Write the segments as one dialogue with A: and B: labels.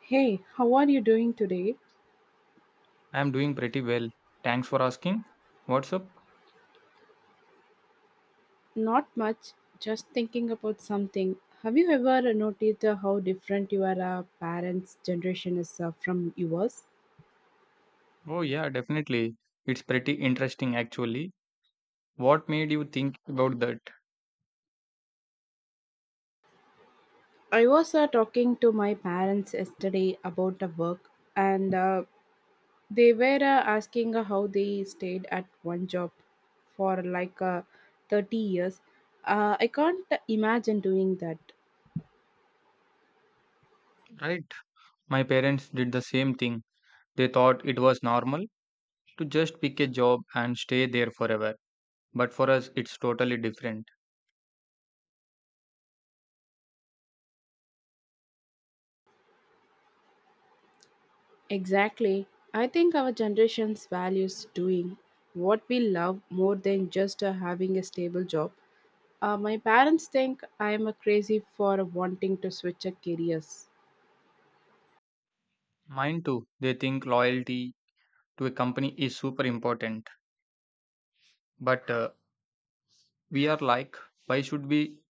A: Hey, how are you doing today?
B: I'm doing pretty well. Thanks for asking. What's up?
A: Not much, just thinking about something. Have you ever noticed how different your parents' generation is from yours?
B: Oh, yeah, definitely. It's pretty interesting, actually. What made you think about that?
A: I was talking to my parents yesterday about the work, and they were asking how they stayed at one job for like 30 years. I can't imagine doing that.
B: Right. My parents did the same thing. They thought it was normal to just pick a job and stay there forever. But for us, it's totally different.
A: Exactly. I think our generation's values doing what we love more than just having a stable job. My parents think I am a crazy for wanting to switch a careers.
B: Mine too. They think loyalty to a company is super important. But we are like, why should we?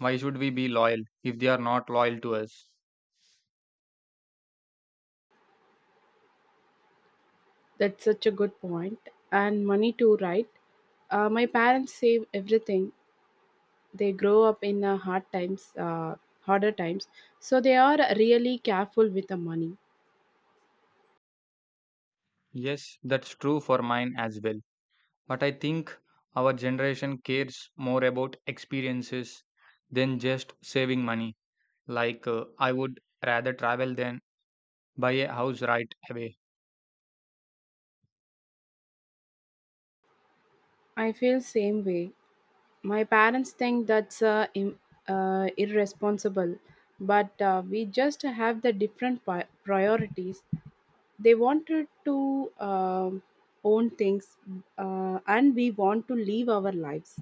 B: Why should we be loyal if they are not loyal to us?
A: That's such a good point. And money too, right? My parents save everything. They grow up in hard times, harder times, so they are really careful with the money.
B: Yes, that's true for mine as well. But I think our generation cares more about experiences than just saving money. Like, I would rather travel than buy a house right away.
A: I feel same way. My parents think that's irresponsible, but we just have the different priorities. They wanted to own things, and we want to live our lives.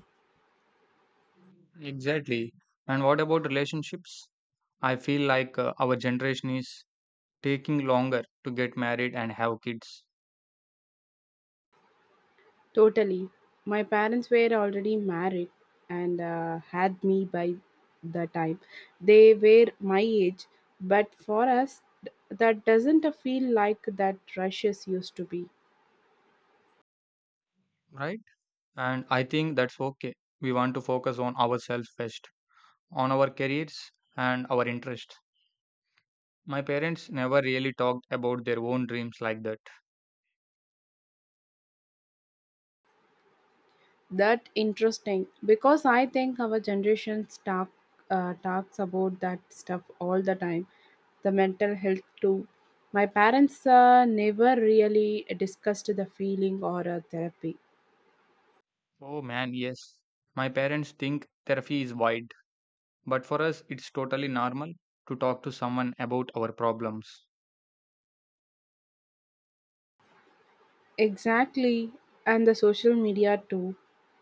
B: Exactly. And what about relationships? I feel like our generation is taking longer to get married and have kids,
A: Totally. My parents were already married and had me by the time. They were my age, but for us, that doesn't feel like that rushes used to be.
B: right? And I think that's okay. We want to focus on ourselves first, on our careers and our interests. My parents never really talked about their own dreams like that.
A: That interesting because I think our generations talks about that stuff all the time. The mental health too. My parents never really discussed the feeling or therapy.
B: Oh man, yes. My parents think therapy is wide, but for us, it's totally normal to talk to someone about our problems.
A: Exactly, and the social media too.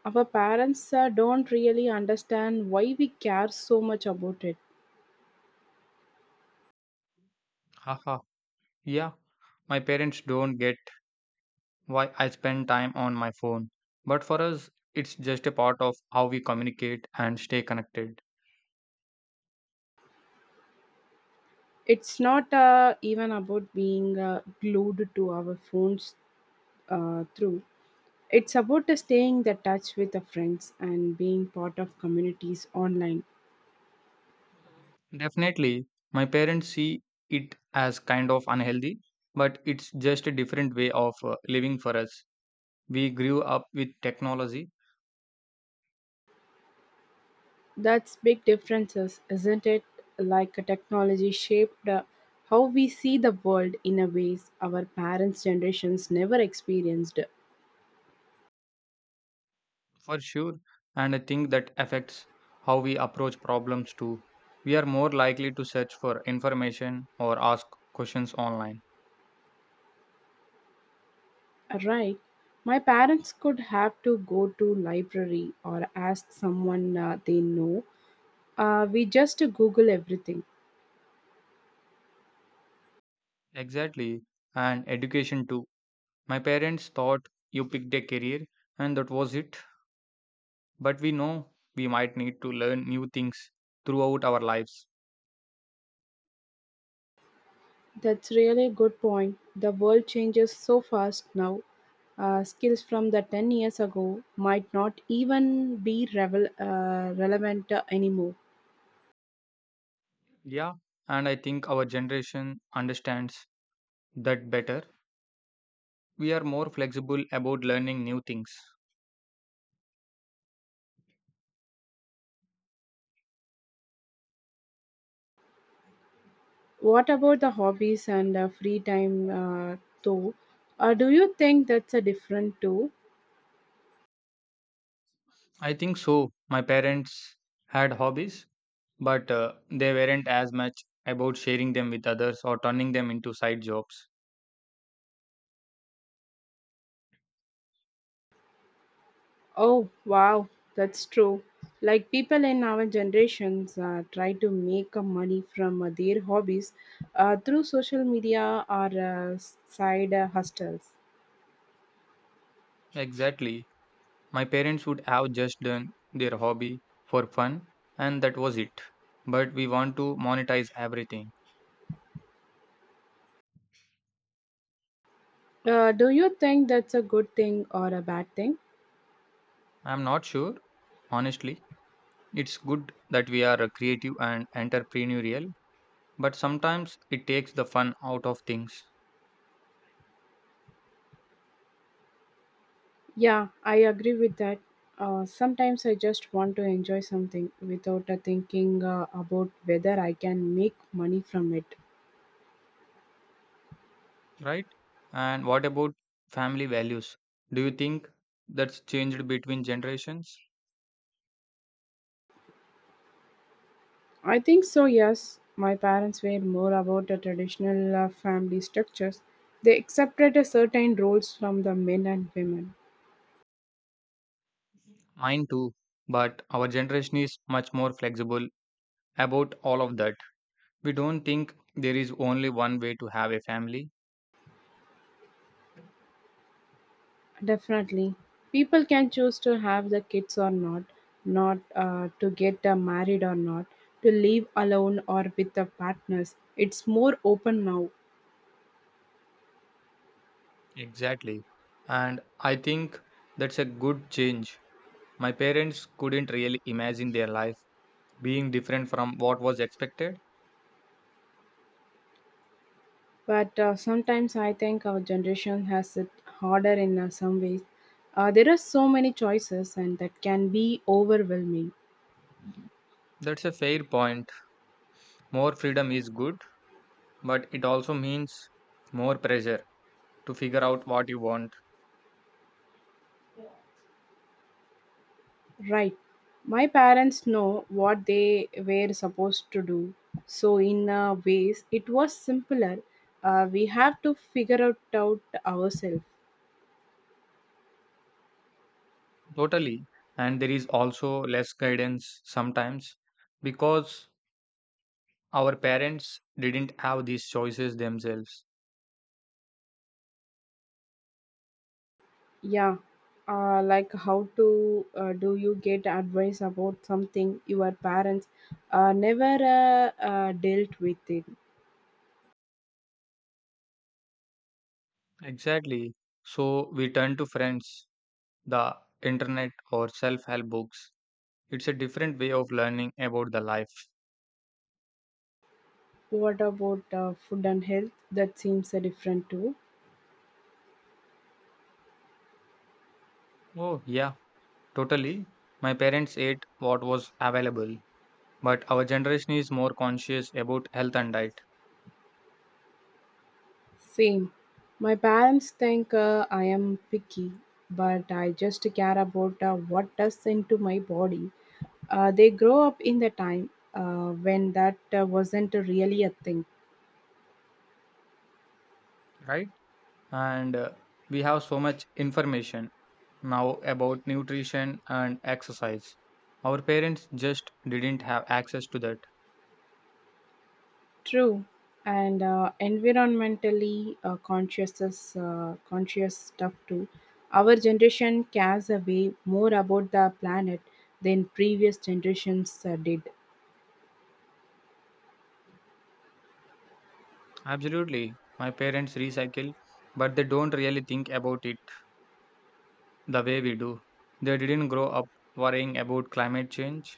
A: Our parents don't really understand why we care so much about it.
B: Haha. Yeah, my parents don't get why I spend time on my phone, but for us, it's just a part of how we communicate and stay connected.
A: It's not even about being glued to our phones through. It's about the staying the touch with the friends and being part of communities online.
B: Definitely, my parents see it as kind of unhealthy, but it's just a different way of living for us. We grew up with technology.
A: That's big differences, isn't it? Like a technology shaped how we see the world in a ways our parents' generations never experienced.
B: For sure, and I think that affects how we approach problems too. We are more likely to search for information or ask questions online.
A: Right. My parents could have to go to library or ask someone they know. We just Google everything.
B: Exactly, and education too. My parents thought you picked a career and that was it, but we know we might need to learn new things throughout our lives.
A: That's really a good point. The world changes so fast now. Skills from the 10 years ago might not even be relevant anymore.
B: Yeah, and I think our generation understands that better. We are more flexible about learning new things.
A: What about the hobbies and free time, though? Do you think that's a different too?
B: I think so. My parents had hobbies. But they weren't as much about sharing them with others or turning them into side jobs.
A: Oh, wow, that's true. Like people in our generations try to make money from their hobbies through social media or side hustles.
B: Exactly. My parents would have just done their hobby for fun and that was it. But we want to monetize everything.
A: Do you think that's a good thing or a bad thing?
B: I'm not sure, honestly. It's good that we are creative and entrepreneurial, but sometimes it takes the fun out of things,
A: Yeah, I agree with that. Sometimes I just want to enjoy something without thinking about whether I can make money from it.
B: right? And what about family values? Do you think that's changed between generations?
A: I think so, yes. My parents were more about the traditional family structures. They accepted a certain roles from the men and women.
B: Mine too, but our generation is much more flexible about all of that. We don't think there is only one way to have a family.
A: Definitely. People can choose to have the kids or not, not to get married or not, to live alone or with the partners. It's more open now.
B: Exactly. And I think that's a good change. My parents couldn't really imagine their life being different from what was expected.
A: But sometimes I think our generation has it harder in some ways. There are so many choices, and that can be overwhelming.
B: That's a fair point. More freedom is good, but it also means more pressure to figure out what you want.
A: Right. My parents know what they were supposed to do. So, in a ways, it was simpler. We have to figure it out ourselves.
B: Totally. And there is also less guidance sometimes, because our parents didn't have these choices themselves.
A: Yeah. Like how to do you get advice about something your parents never dealt with it
B: Exactly. So we turn to friends, the internet, or self help books. It's a different way of learning about the life.
A: what about food and health that seems different too
B: Oh, yeah, totally. My parents ate what was available, but our generation is more conscious about health and diet,
A: Same. My parents think I am picky, but I just care about what does into my body. They grow up in the time when that wasn't really a thing.
B: right? And we have so much information now about nutrition and exercise. Our parents just didn't have access to that.
A: True. And environmentally conscious is, conscious stuff too. Our generation cares a way more about the planet than previous generations did.
B: Absolutely. My parents recycle, but they don't really think about it the way we do. They didn't grow up worrying about climate change.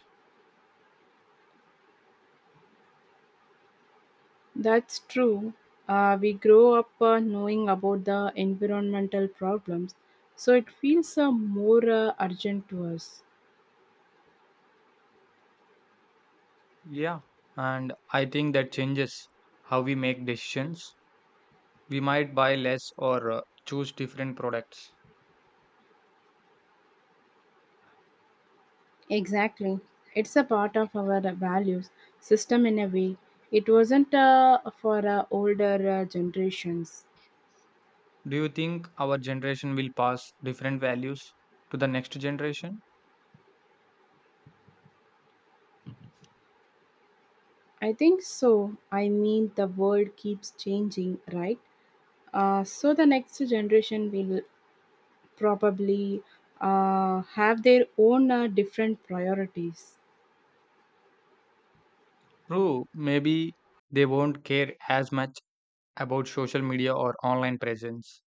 A: That's true. We grow up knowing about the environmental problems, so it feels more urgent to us.
B: Yeah. And I think that changes how we make decisions. We might buy less or choose different products.
A: Exactly. It's a part of our values system in a way. It wasn't for older generations.
B: Do you think our generation will pass different values to the next generation?
A: I think so. I mean, the world keeps changing, right? So the next generation will probably have their own different priorities.
B: True, maybe they won't care as much about social media or online presence.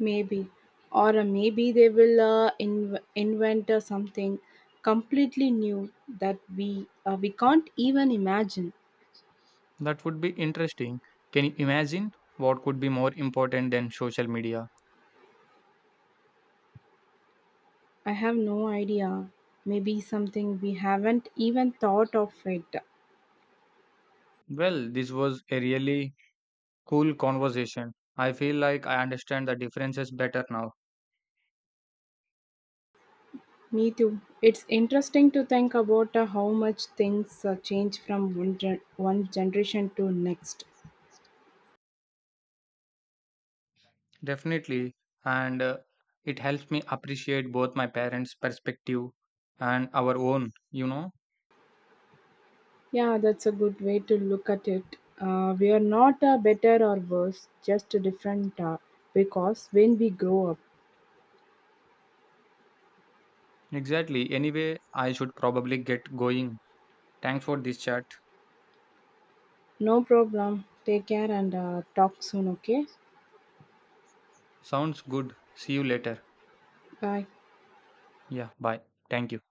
A: Maybe, or maybe they will inv- invent something completely new that we can't even imagine.
B: That would be interesting. Can you imagine what could be more important than social media?
A: I have no idea. Maybe something we haven't even thought of it.
B: Well, this was a really cool conversation. I feel like I understand the differences better now.
A: Me too. It's interesting to think about how much things change from one generation to next.
B: Definitely. And it helps me appreciate both my parents' perspective and our own, you know?
A: Yeah, that's a good way to look at it. We are not better or worse, just different because when we grow up,
B: Exactly. Anyway, I should probably get going. Thanks for this chat.
A: no problem. Take care and talk soon, okay?
B: Sounds good. See you later.
A: Bye.
B: Yeah, bye. Thank you.